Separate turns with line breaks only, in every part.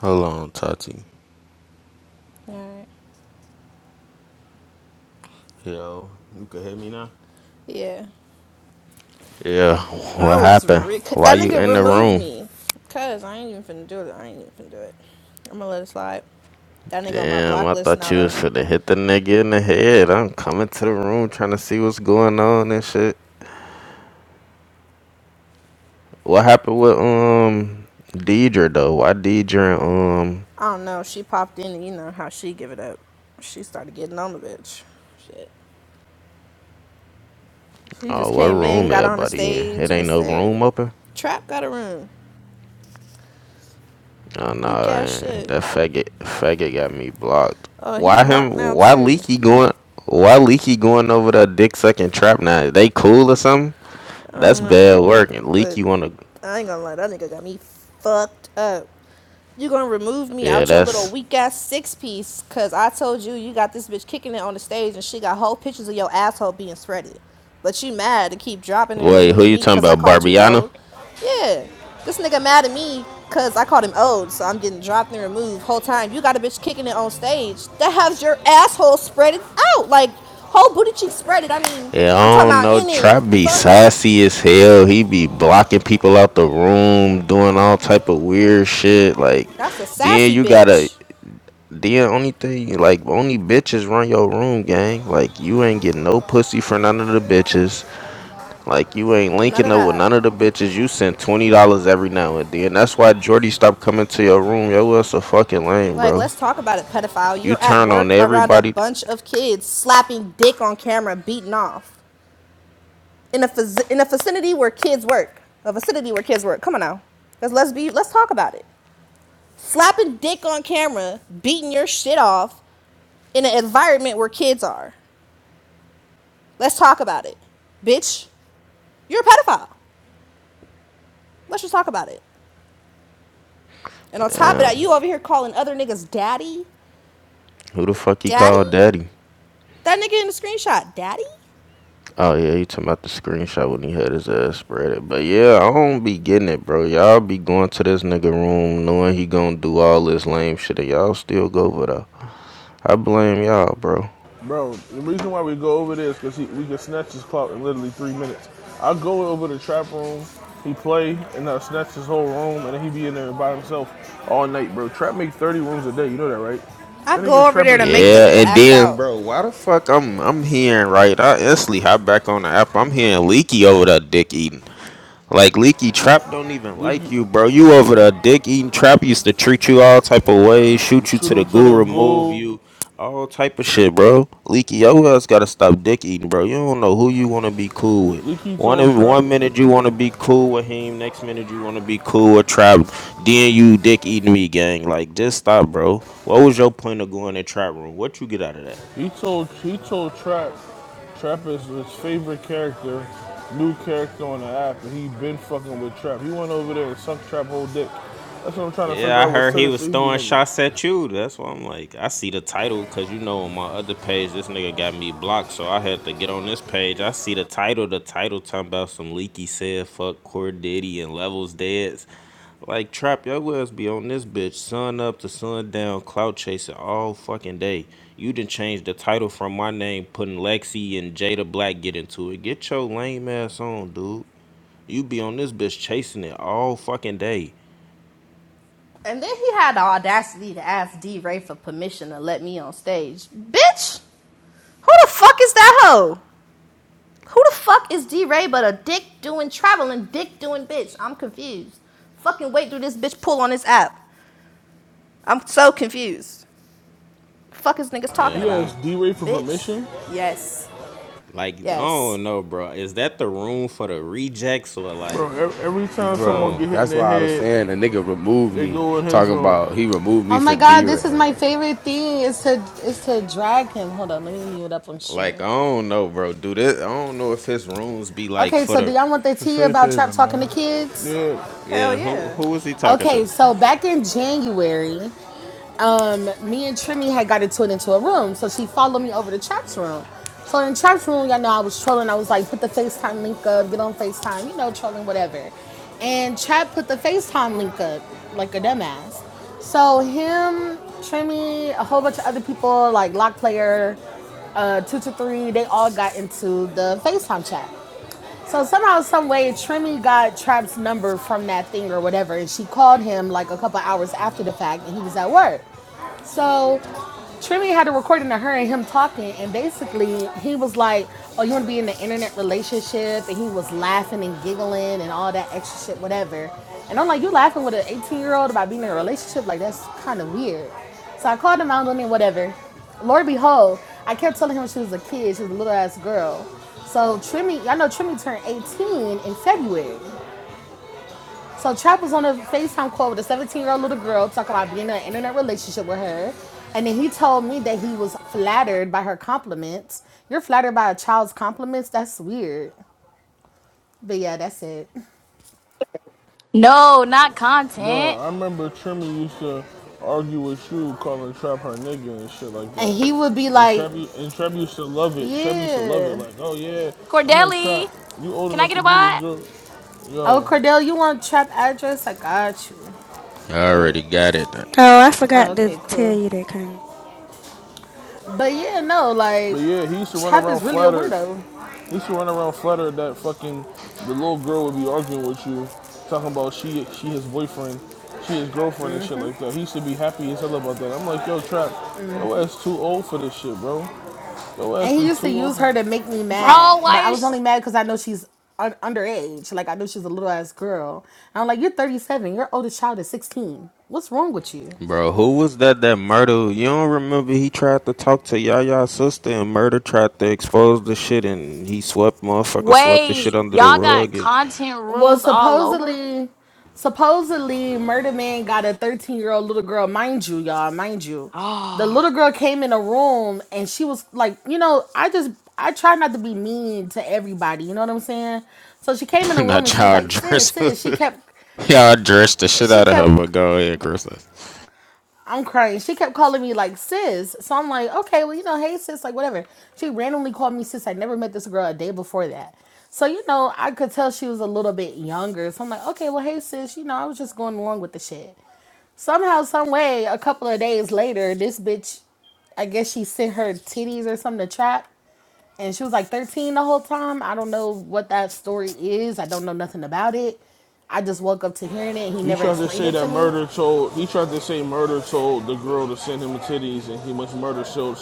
Hold on, Tati.
Alright.
Yo, you can hear me now?
Yeah.
Yeah,
I
what
was
happened?
re-
Why
that
you
nigga
in the
removed
room?
me. Cause I ain't even finna do it. I ain't even finna do it. I'ma let it slide. That nigga on my
Damn,
block
I
list
thought
now
you was
though.
finna hit the nigga in the head. I'm coming to the room trying to see what's going on and shit. What happened with um Deidre though? Why Deidre and, um
I don't know. She popped in and you know how she give it up. She started getting on the bitch. Shit. She just
oh what
came in,
room
got on the
everybody in?
stage
It
and
ain't no
said,
room open?
Trap got a room.
Oh
Weak
nah,
ass
eh,
shit.
that faggot faggot got me blocked.
Oh, he
Why him
blocked now
why
too.
Leaky going why Leaky going over the dick sucking trap now? They cool or something?
I
That's
don't know.
bad work. And leak
But
you wanna
I ain't gonna lie, that nigga got me fucked up. You gonna remove me
Yeah,
out your little
that's
weak ass six piece cause I told you you got this bitch kicking it on the stage and she got whole pictures of your asshole being spreaded. But you mad to keep dropping and
wait, who
removing
you
me
talking
cause I
about?
called you
Barbiano?
old? Yeah. This nigga mad at me cause I called him old, so I'm getting dropped and removed whole time. You got a bitch kicking it on stage that has your asshole spreaded out. Like whole booty cheek spreaded. I mean,
Yeah,
I'm
I
talking
don't
about
know.
in it.
Trap be
Fuck.
sassy as hell. He be blocking people out the room, doing all type of weird shit. Like
That's a
then
sassy
you gotta
bitch.
then only thing like only bitches run your room, gang. Like you ain't getting no pussy for none of the bitches. Like you ain't
None of
linking up with
that.
none of the bitches. You send twenty dollars every now and then. That's why Jordy stopped coming to your room. Yo, that's a fucking lame,
Like,
bro.
let's talk about it, pedophile.
You
You're at
turn on
work around a
everybody.
bunch of kids slapping dick on camera, beating off in a faci- in a vicinity where kids work. A vicinity where kids work. Come on now. Let's let's be let's talk about it. Slapping dick on camera, beating your shit off in an environment where kids are. Let's talk about it. Bitch, you're a pedophile. Let's just talk about it. And on top of that,
Damn.
you over here calling other niggas daddy?
Who the fuck he called
Daddy?
daddy?
That nigga in the screenshot, daddy?
Oh yeah, he talking about the screenshot when he had his ass spread it. But yeah, I don't be getting it, bro. Y'all be going to this nigga room knowing he gonna do all this lame shit and y'all still go over there. I blame y'all, bro.
Bro, the reason why we go over this because we can snatch his clock in literally three minutes. I go over to the trap room, he play, and I snatch his whole room, and then he be in there by himself all night, bro. Trap make 30 rooms a day, you know that, right?
I
That
go
nigga
over
Trap
there
is
to make the
Yeah,
miserable.
nigga
and
act
then
out.
bro, why the fuck I'm I'm hearing right? I instantly hop back on the app. I'm hearing Leaky over there dick eating. Like Leaky Trap don't even like
Leaky,
you, bro. You over the dick eating trap used to treat you all type of ways, shoot you
shoot
to the
him to
goo,
the
remove
goal.
you, all type of shit, bro. Leaky, yo ass gotta stop dick eating, bro. You don't know who you wanna be cool with.
Leaky told
One
Trap,
one minute you wanna be cool with him, next minute you wanna be cool with trap. Then you dick eating me, gang. Like just stop, bro. What was your point of going to trap room? What you get out of that?
he told, he told Trap, Trap is his favorite character, new character on the app, and he been fucking with Trap. He went over there and sucked Trap whole dick. That's what I'm trying to
Yeah,
figure
I
out was
heard
to
he
with
was
Tennessee
throwing
nigga.
shots at you. That's why I'm like, I see the title because you know on my other page this nigga got me blocked, so I had to get on this page. I see the title. The title talking about some leaky said fuck Core Diddy and Levels Deads. Like trap your ass be on this bitch sun up to sun down, clout chasing all fucking day. You done changed the title from my name, putting Lexi and Jada Black get into it. Get your lame ass on, dude. You be on this bitch chasing it all fucking day.
And then he had the audacity to ask D Ray for permission to let me on stage. Bitch! Who the fuck is that hoe? Who the fuck is D Ray but a dick doing traveling, dick doing bitch? I'm confused. Fucking wait do this bitch pull on his app. I'm so confused. The Fuck is niggas
Yeah.
talking
I
He
don't-
about?
asked D Ray for
Bitch?
permission.
Yes.
Like, I
Yes.
don't know, bro. Is that the room for the rejects or like,
Bro, every, every time someone
Bro,
get
oh,
hit in
that's
the
why I was
head,
saying a nigga removed
they
me.
go in his
Talking
room.
about he removed me
Oh
for
my god,
D
this is
Ray.
my favorite thing is to is to drag him. Hold on, let me mute up on
like
stream.
I don't know, bro. Do this? I don't know if his rooms be like
Okay,
for
so do
the.
y'all want the
It's a
tea
safe
about trap
haven,
talking to
man.
kids?
Yeah,
Hell
Yeah, who
yeah.
who was he talking to?
Okay, so back in January, um, me and Trimmy had got into it into a room. So she followed me over to Trap's room. So in Trap's room, y'all know I was trolling. I was like, put the FaceTime link up, get on FaceTime, you know, trolling, whatever. And Trap put the FaceTime link up like a dumbass. So him, Trimmy, a whole bunch of other people, like Lock Player, uh, two to three, they all got into the FaceTime chat. So somehow, some way, Trimmy got Trap's number from that thing or whatever, and she called him like a couple hours after the fact, and he was at work. So Trimmy had a recording of her and him talking, and basically he was like, "Oh, you want to be in the internet relationship?" And he was laughing and giggling and all that extra shit, whatever. And I'm like, "You laughing with an 18 year old about being in a relationship? Like that's kind of weird." So I called him out on it, whatever. Lord behold, I kept telling him she was a kid, she was a little ass girl. So Trimmy, y'all know Trimmy turned 18 in February. So Trap was on a FaceTime call with a 17 year old little girl talking about being in an internet relationship with her. And then he told me that he was flattered by her compliments. You're flattered by a child's compliments? That's weird. But yeah, that's it.
No, not
bro,
content.
I remember Trimmy used to argue with you, calling Trap her nigga and shit like
And
that.
he would be
And
like,
Trap, and Trap used to love it. Trap used to love it.
Yeah.
Like, oh yeah, I'm like Trap,
Cordelli,
you old
can I
enough
get
to
a
be this
bot?
girl,
Oh,
yo.
Cordell, you want Trap address? I got you.
I already got it,
Oh, I
Oh,
forgot to
okay,
tell
cool.
you that, Karen.
But yeah, no,
But
like
yeah, he used to run
Trap
around
is really a
flattered
weirdo.
You should run around flattered that fucking the little girl would be arguing with you, talking about she she his boyfriend, she his girlfriend and shit like that. He should be happy as hell about that. I'm like, yo, trap, your ass too old for this shit, bro. Your ass
And he
be
used to
too old.
use
for
her to make me mad,
Bro,
but
why
I was only
is
mad because I know she's un- underage. Like I know she's a little ass girl. And I'm like, you're 37. Your oldest child is 16. What's wrong with you?
bro. Who was that? That murder? You don't remember? He tried to talk to Yaya's sister, and murder tried to expose the shit, and he swept motherfucker swept the shit
wait,
under the
y'all got
rug.
content
Well,
rooms all over?
supposedly, supposedly, Murder Man got a 13 year old little girl. Mind you, y'all, mind you, the
Oh.
little girl came in the room and she was like, you know, I just I try not to be mean to everybody. You know what I'm saying? So she came in the
And
room
not
and she was
y'all
like, sis,
dressed,
sis. She
y'all
kept
dressed the shit
she
out of her.
kept
But go ahead, Chris.
I'm crying. She kept calling me like sis. So I'm like, okay, well, you know, hey sis, like whatever. She randomly called me sis. I never met this girl a day before that. So, you know, I could tell she was a little bit younger. So I'm like, okay, well, hey sis, you know, I was just going along with the shit. Somehow, some way, a couple of days later, this bitch, I guess she sent her titties or something to trap. And she was like 13 the whole time. I don't know what that story is. I don't know nothing about it. I just woke up to hearing it. He
He
never
tried to
explained
say
it
that
to me.
murder told. He tried to say murder told the girl to send him the titties, and he must murder sold.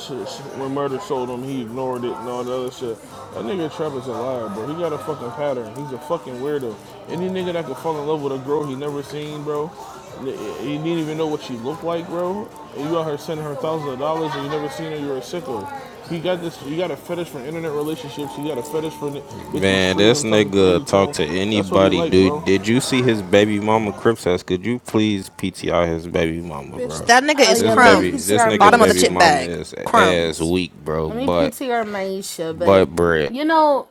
When murder sold him, he ignored it and all the other shit. That nigga Trap is a liar, bro. He got a fucking pattern. He's a fucking weirdo. Any nigga that could fall in love with a girl he never seen, bro. n- He didn't even know what she looked like, bro. And you out here sending her thousands of dollars and you never seen her. You're a sicko. He got this. You got a fetish for internet relationships. You got a fetish for bitches
Man,
treating
this
him, talking crazy
nigga
to
talk
him.
to
That's what he
anybody,
like, bro.
dude. Did you see his baby mama Crips ass? Could you please PTI his baby mama,
Bitch,
bro?
that nigga
Oh uh,
is
yeah,
This
let me
baby,
crumbs.
this
PTR
nigga
Bottom of the
baby
chip
Maisha.
mama
bag.
is ass
Crumbs.
weak, bro.
Let me
But,
PTR Maisha,
but
but
bread.
you know,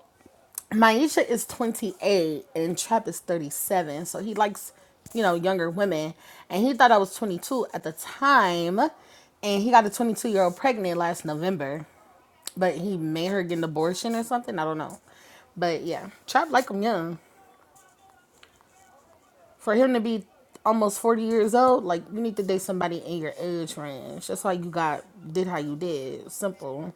Maisha is 28 and Trap is 37. So he likes, you know, younger women. And he thought I was 22 at the time. And he got a 22 year old pregnant last November. But he made her get an abortion or something. I don't know. But yeah, Trap like him young. For him to be almost 40 years old, like you need to date somebody in your age range. That's why you got did how you did. Simple.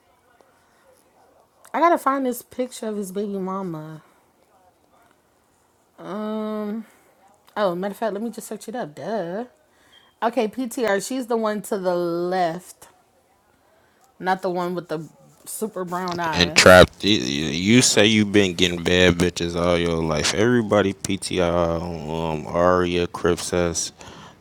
I gotta find this picture of his baby mama. Um. Oh, matter of fact, let me just search it up. Duh. Okay, PTR. She's the one to the left, not the one with the super brown
and
eyes
trapped, You you say you've been getting bad bitches all your life. Everybody PTI, um, Aria, Cripsess.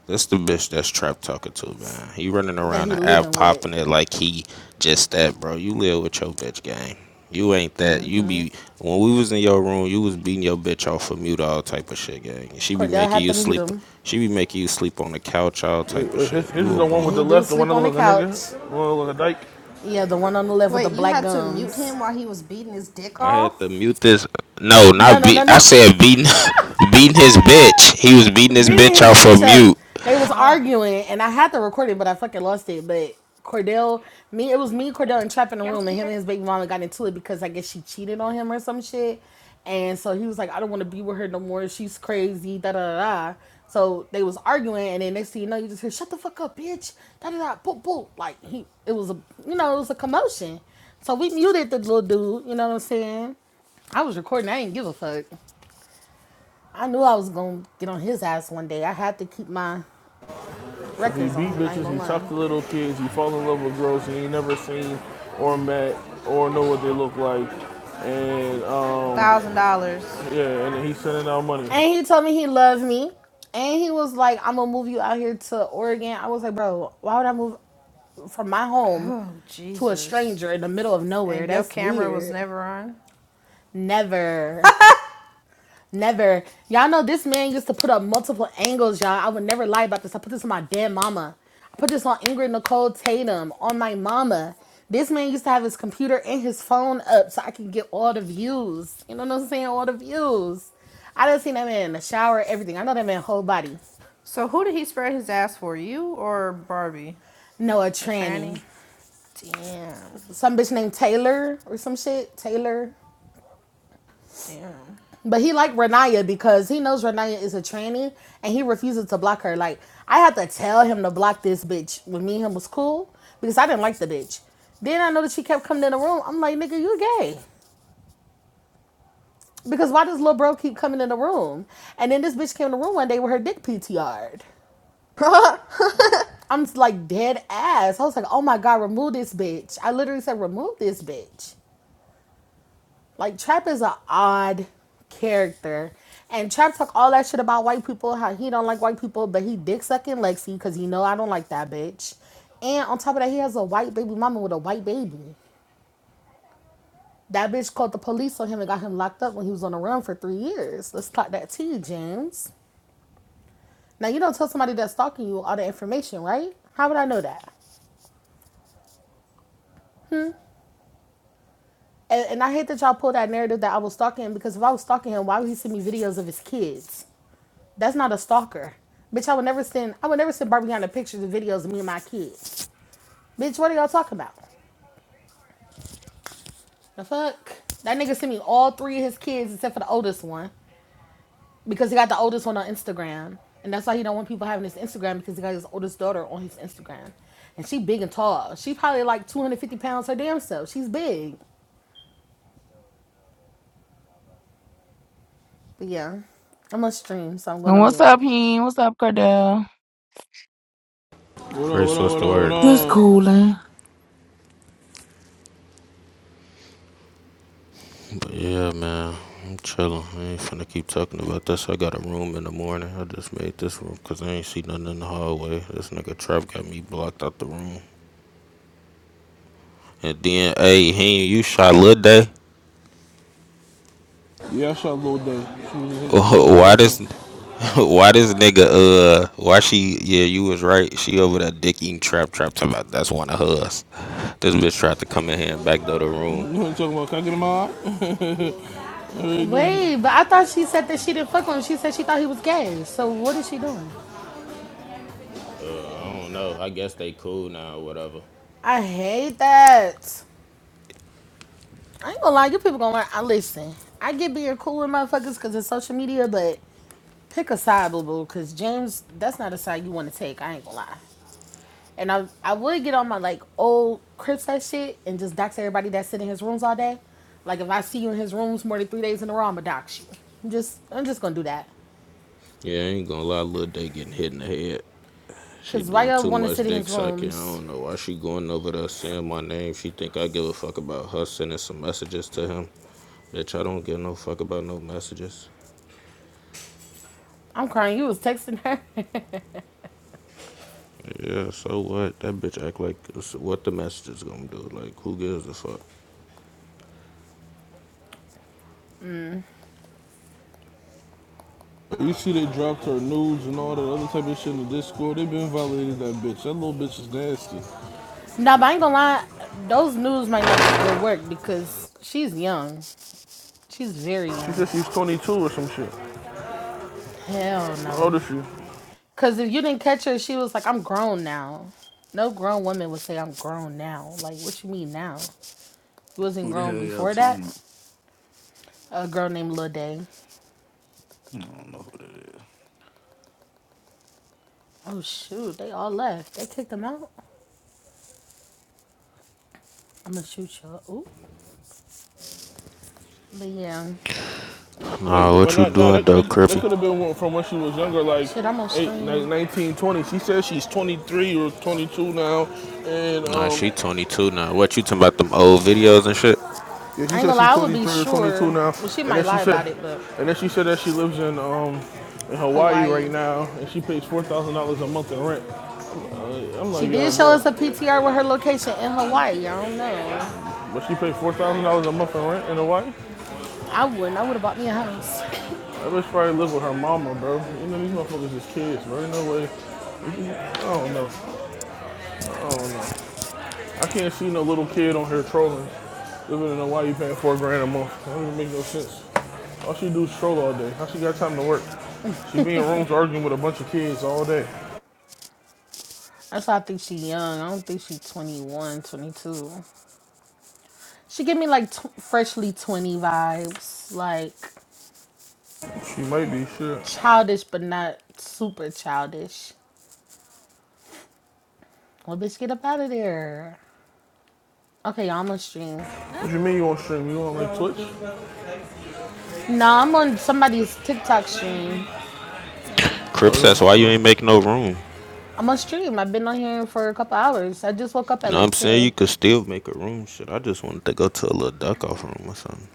That's the bitch that's trap talking to, man. He running
that
around
he
the app
living with.
popping it like he just that, bro. You live with your bitch gang. You ain't that. You be when we was in your room, you was beating your bitch off for mute, all type of shit, gang. She be
Cordell
making
had to
you
mute
sleep.
him,
She be making you sleep on the couch, all
Wait,
type of
his,
shit.
his
You
is
a
the one
and
with
bum.
the
he do
left, the one
sleep
that
on the
looks like a nigga,
couch.
the one that looks like a dyke.
Yeah, the one on the left with the
Wait, you
black
had to mute
gums.
him while he was beating his dick
I had to
off?
mute this. No,
No,
not
no, no,
beat. I
no.
said beating, beating his bitch. He was beating his
beating
bitch
his
out for
bitch up.
mute.
They was
Oh,
arguing, and I had to record it, but I fucking lost it. But Cordell, me, it was me, Cordell, and Trap in the room, and him and his baby mama got into it because I guess she cheated on him or some shit. And so he was like, I don't want to be with her no more. She's crazy. Da da da. da. So they was arguing, and then next thing you know, you just hear, "Shut the fuck up, bitch!" Da da da. Boop boop. Like he, it was a, you know, it was a commotion. So we muted the little dude. You know what I'm saying? I was recording. I didn't give a fuck. I knew I was gonna get on his ass one day. I had to keep my
So he
records on
beat
him. I ain't
bitches,
gonna
he
lie.
talked to little kids, he fall in love with girls he ain't never seen or met or know what they look like. And um,
a thousand dollars.
yeah, and then he's sending out money.
And he told me he loved me. And he was like, I'm gonna move you out here to Oregon. I was like, bro, why would I move from my home
Oh,
to a
Jesus.
stranger in the middle of nowhere?
And your
That's
camera was
weird.
never on?
Never. Never. Y'all know this man used to put up multiple angles, y'all. I would never lie about this. I put this on my damn mama. I put this on Ingrid Nicole Tatum, on my mama. This man used to have his computer and his phone up so I could get all the views. You know what I'm saying? All the views. I done seen that man in the shower, everything. I know that man whole body.
So who did he spread his ass for? You or Barbie?
Noah
A
Tranny.
tranny? Damn.
Some bitch named Taylor or some shit. Taylor.
Damn.
But he liked Renaya because he knows Renaya is a tranny and he refuses to block her. Like I had to tell him to block this bitch when me and him was cool because I didn't like the bitch. Then I know that she kept coming in the room. I'm like, nigga, you gay. Because why does little bro keep coming in the room? And then this bitch came in the room one day with her dick PTR'd. I'm like dead ass. I was like, oh my God, remove this bitch. I literally said, remove this bitch. Like Trap is an odd character. And Trap talk all that shit about white people, how he don't like white people, but he dick sucking Lexi because he know I don't like that bitch. And on top of that, he has a white baby mama with a white baby. That bitch called the police on him and got him locked up when he was on the run for three years. Let's talk that tea, James. Now you don't tell somebody that's stalking you all the information, right? How would I know that? And, and I hate that y'all pull that narrative that I was stalking him because if I was stalking him, why would he send me videos of his kids? That's not a stalker. Bitch, I would never send I would never send Barbie Barbiana pictures and videos of me and my kids, Bitch, what are y'all talking about? The fuck? That nigga sent me all three of his kids except for the oldest one. Because he got the oldest one on Instagram. And that's why he don't want people having his Instagram because he got his oldest daughter on his Instagram. And she big and tall. She probably like 250 pounds her damn self. She's big. But yeah. I'm on stream, so I'm
And
gonna
what's
mute.
up, Heen? What's up, Cordell?
What up, what
Chris,
up,
what's
what
the
up,
word?
Just
what
cooling.
But yeah, man, I'm chilling. I ain't finna keep talking about this. I got a room in the morning. I just made this room 'cause I ain't see nothing in the hallway. This nigga Trap got me blocked out the room. And then, hey, he you shot Lil Day.
up? Yeah, I shot Lil Day. She, was- she kept me in the
Why
roofing.
this? Why this nigga? Uh, why she? Yeah, you was right. She over there dick eating Trap Trap. Talking about that's one of hers. This bitch tried to come in here and backdoor the
You
room.
know what I'm talking about? Can I get in my eye?
Wait, but I thought she said that she didn't fuck with him. She said she thought he was gay. So what is she doing?
Uh, I don't know. I guess they cool now or whatever.
I hate that. I ain't gonna lie, you people gonna learn. I listen. I get being cool with motherfuckers because it's social media, but pick a side, boo boo. Because James, that's not a side you want to take. I ain't gonna lie. And I, I would get on my like old Cripset shit and just dox everybody that sit in his rooms all day. Like if I see you in his rooms more than three days in a row, I'ma dox you. I'm just, I'm just gonna do that.
Yeah, I ain't gonna lie, Lil Day getting hit in the head. She
Cause why
doing
y'all
too
want to sit
much
in
dick
his
sucking. I
rooms?
don't know why she going over there saying my name. She think I give a fuck about her sending some messages to him. Bitch, I don't give no fuck about no messages.
I'm crying. You was texting her.
Yeah, so what? That bitch act like so what the messages gonna do? Like, who gives a fuck?
You see they dropped her nudes and all that other type of shit in the Discord. They been violating that bitch. That little bitch is nasty.
Now, but I ain't gonna lie, those news might not be good work because she's young. She's very
She
young.
said she's 22 or some shit.
Hell
How
no.
old is she?
Because if you didn't catch her, she was like, I'm grown now. No grown woman would say, I'm grown now. Like, what you mean now? You wasn't
Who the
grown
hell y'all
before
talking about?
that? A girl named Lil Day.
I don't know who that is.
Oh, shoot. They all left. They kicked them out. I'm gonna shoot you. all Ooh. But yeah.
Wait,
Nah,
but, but
what you
not no.
doing
That,
though,
that, that
Crippy?
could have been from when she was younger, like
Shit, I'm on
eight, ni-
stream.
19, twenty. She says she's 23 or 22 now, and
Nah,
um,
she 22 now. What you talking about them old videos and shit?
yeah, she
I ain't
said
gonna
she's
lie, I would be
23 or 22
sure.
now,
Well, she
and
might
then she
lie
said,
about it, but
and then she said that she lives in um in Hawaii
Hawaii.
right now, and she pays four thousand dollars a month in rent. Yeah, I'm
She
like,
did
yo,
show
bro,
us a PTR with her location in Hawaii. I don't know.
but she paid four thousand dollars a month in rent in Hawaii.
I wouldn't. I would have bought me a house.
That bitch probably live with her mama, bro. You know these motherfuckers is kids, bro. Ain't No way. I don't know. I can't see no little kid on here trolling. Living in Hawaii paying four grand a month. That don't even make no sense. All she do is troll all day. How she got time to work? She be in rooms arguing with a bunch of kids all day.
That's why I think she young. I don't think she 21, 22. She give me like tw- freshly 20 vibes. Like
She might be, shit.
childish, but not super childish. Well, bitch, get up out of there. Okay, y'all, I'm on stream. Ah.
What you mean you on stream? You on like Twitch?
Nah, I'm on somebody's TikTok stream.
Oh,
Crips
you on,
asked why you
oh.
ain't make no room.
I'm on stream. I've been on here for a couple hours. I just woke up
You
at
know what
like
I'm saying? You
10.
could still make a room. Shit, I just wanted to go to a little duck off room or something.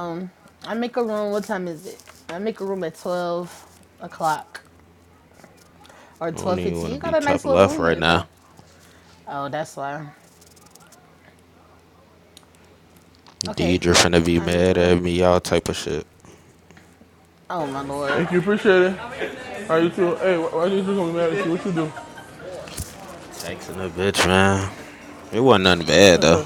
Um, I make a room. What time is it? I make a room at twelve o'clock or
I don't
twelve
even
fifteen.
want
You
to
got
be
a
top
nice little
left
room
right
here, though.
now.
Oh, that's why. Okay,
Deidre finna be
I make a
mad
room.
at me, you all type of shit.
Oh my lord,
Thank you, appreciate it. All right, you too. Hey, why, why you gonna be mad at you? What you do?
Texting the bitch, man. It wasn't nothing bad though.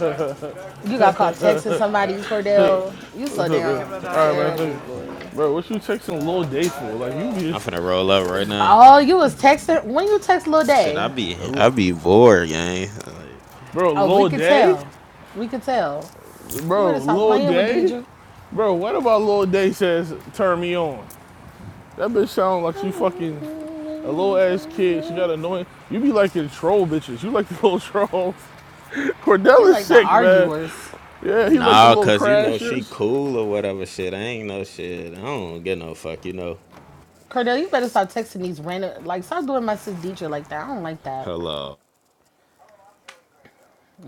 you got caught texting somebody, Cordell. You so
What's up,
damn
man? All right, man, thank
terrible,
you.
boy.
Bro, what you texting Lil Day for? Like, you be
I'm
just,
finna roll up right now.
Oh, you was texting when you text Lil
Shit, I
Day.
be I be bored, gang. Like,
bro,
Oh, we
Lil
could
Day?
tell. We could tell. You
Bro,
better stop
Lil
playing with
Day?
Deidre.
Bro, what about Lil Day says turn me on? That bitch sound like she fucking a little ass kid. She got annoying. You be like the troll bitches. You like the little trolls.
He
Cordell is
like the
sick, man.
arguers.
Yeah, he like the
nah,
little
cause you know she
crashers.
cool or whatever shit. I ain't no shit. I don't get no fuck, you know.
Cordell, you better start texting these random. Like, start doing my sis Deidre like that. I don't like that.
Hello.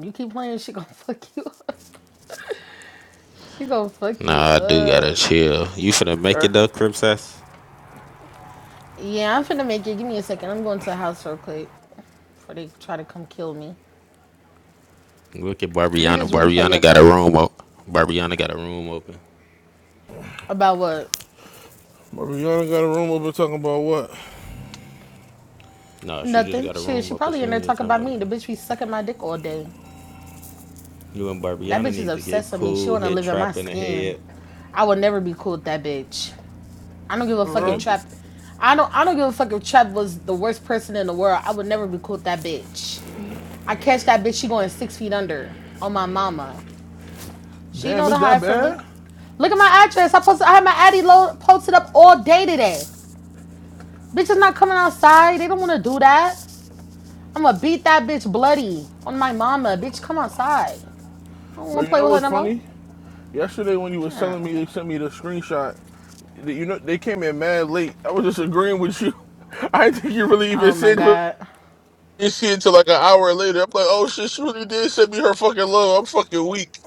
You keep playing, she gonna fuck you up. She gonna fuck you
Nah, I do gotta
up.
chill. You finna make it
Er,
though, Crips ass?
Yeah, I'm finna make it. Give me a second. I'm going to the house real quick before they try to come kill me.
Look at
Leave
Barbiana.
this replay
Barbiana
up
got a
though.
room open. Barbiana got a room open.
About what?
Mariana got a room over talking about what?
No, she just
Nothing.
got a
Shit,
room
she
open.
probably
She
in
ain't
there
even
talking
talking
about
about
me. The
nothing.
bitch be sucking my dick all day.
You and
That
Barbiana
bitch is
need to get
obsessed with me. She
cool,
wanna
head
live in my
trap in the
skin.
head.
I would never be cool with that bitch. I don't give a
For
fuck if
That'll
real?
be.
Trap. I don't. I don't give a fuck if Trap was the worst person in the world. I would never be cool with that bitch. I catch that bitch. She going six feet under on my mama. She
Damn,
know
it's
to
that
hide from me.
bad?
Look at my address. I posted. I had my addy load posted up all day today. Bitch is not coming outside. They don't want to do that. I'ma beat that bitch bloody on my mama. Bitch, come outside. I don't
Bro,
want to
you
play
know
with her
what's
no more.
funny? Yesterday when you was
Yeah.
telling me, they sent me the screenshot. You know, they came in mad late. I was just agreeing with you. I didn't think you really even
Oh my
said
god.
You see it till like an hour later. I'm like, oh shit, she really did send me her fucking love. I'm fucking weak.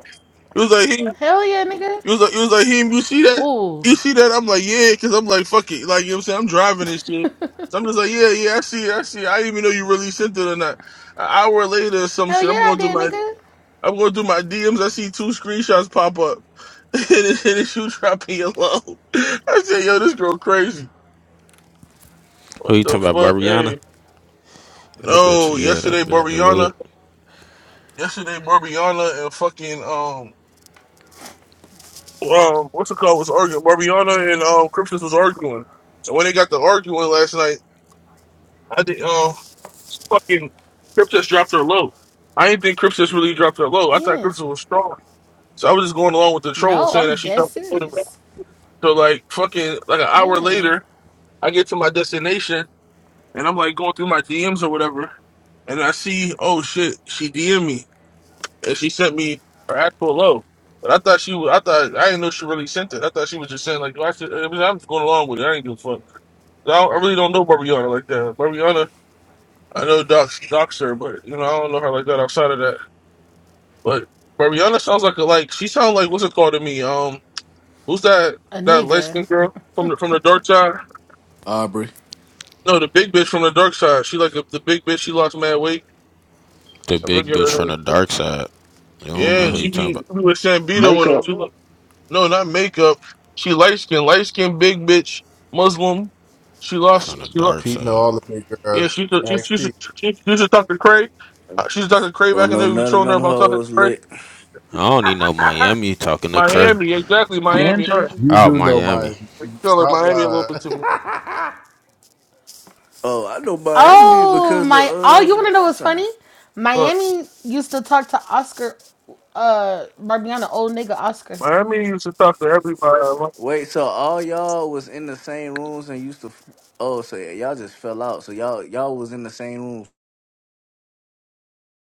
It was like him.
Hell yeah, nigga.
It was like it was like him. You see that?
Ooh.
You see that? I'm like, yeah, because I'm like, fuck it. Like you know what I'm saying? I'm driving and shit. So I'm just like, yeah, yeah, I see it, I see it. I didn't even know you really sent it or not. An hour later or some
Hell
shit. I'm
yeah, I
going through
did,
my
nigga.
I'm going through my DMs. I see two screenshots pop up. and it's, and it's you dropping your love. I said, yo, this girl crazy. What
Who you
the
talking about,
fuck?
Barbiana?
Hey.
That bitch,
No,
yeah, that
yesterday,
bitch
Mariana.
deluded.
Yesterday, Barbiana and fucking um, um, what's it called was arguing. Barbiana and um, Cryptus was arguing, and when they got to arguing last night, I think um, fucking Cryptus dropped her low. I didn't think Cryptus really dropped her low. I thought
Yeah.
Cryptus was strong, so I was just going along with the troll
No,
saying
I'm
that she
dead
dropped her low.
serious.
So like fucking like an hour
Yeah.
later, I get to my destination and I'm like going through my DMs or whatever, and I see oh shit, she DM me. and she sent me her actual low. But I thought she was, I thought I didn't know she really sent it. I thought she was just saying like, well, I should, I mean, I'm just going along with it. I ain't give a fuck. I, don't, I really don't know Barbiana like that. Barbiana, I know Doc docs her, but you know I don't know her like that outside of that. But Barbiana sounds like a like she sounds like what's it called to me? Um, who's that
A
that light
nigga.
skinned girl from the from the dark side?
Aubrey.
No, the big bitch from the dark side. She like the, the big bitch. She lost mad weight.
The
I
big
forget
bitch
her
from
name.
the dark side. You don't know
Yeah,
who
Mm-hmm.
you
she
talking
be,
about.
she be with Sambito
Makeup
and them. No, not makeup. She light skin, light skin, big bitch, Muslim. She lost.
From the
She lost.
dark
Pete know
side.
all the big
Yeah,
girls.
she should. She,
Ask
she should.
Pete.
She, she should talk to Cray. Uh, she's Dr. Cray back
Don't
in
know
there, day. We were
none of
trolling her
them
about talking to
hoes
Cray.
lit.
I don't need no Miami talking to Kurt.
Miami, exactly. Miami. All
tangent
right,
You
Oh,
do know my
Miami.
we can tell her
stop
Miami a little bit to me.
lying.
Oh, I know Miami
Oh
because of
my oh
uh
you
the
wanna know
dark
what's
side.
funny?
All right.
Miami used to talk to Oscar uh Barbiana, old nigga Oscar.
Miami used to talk to everybody.
Wait, so all y'all was in the same rooms and used to. F- oh, so y'all just fell out. So y'all y'all was in the same rooms.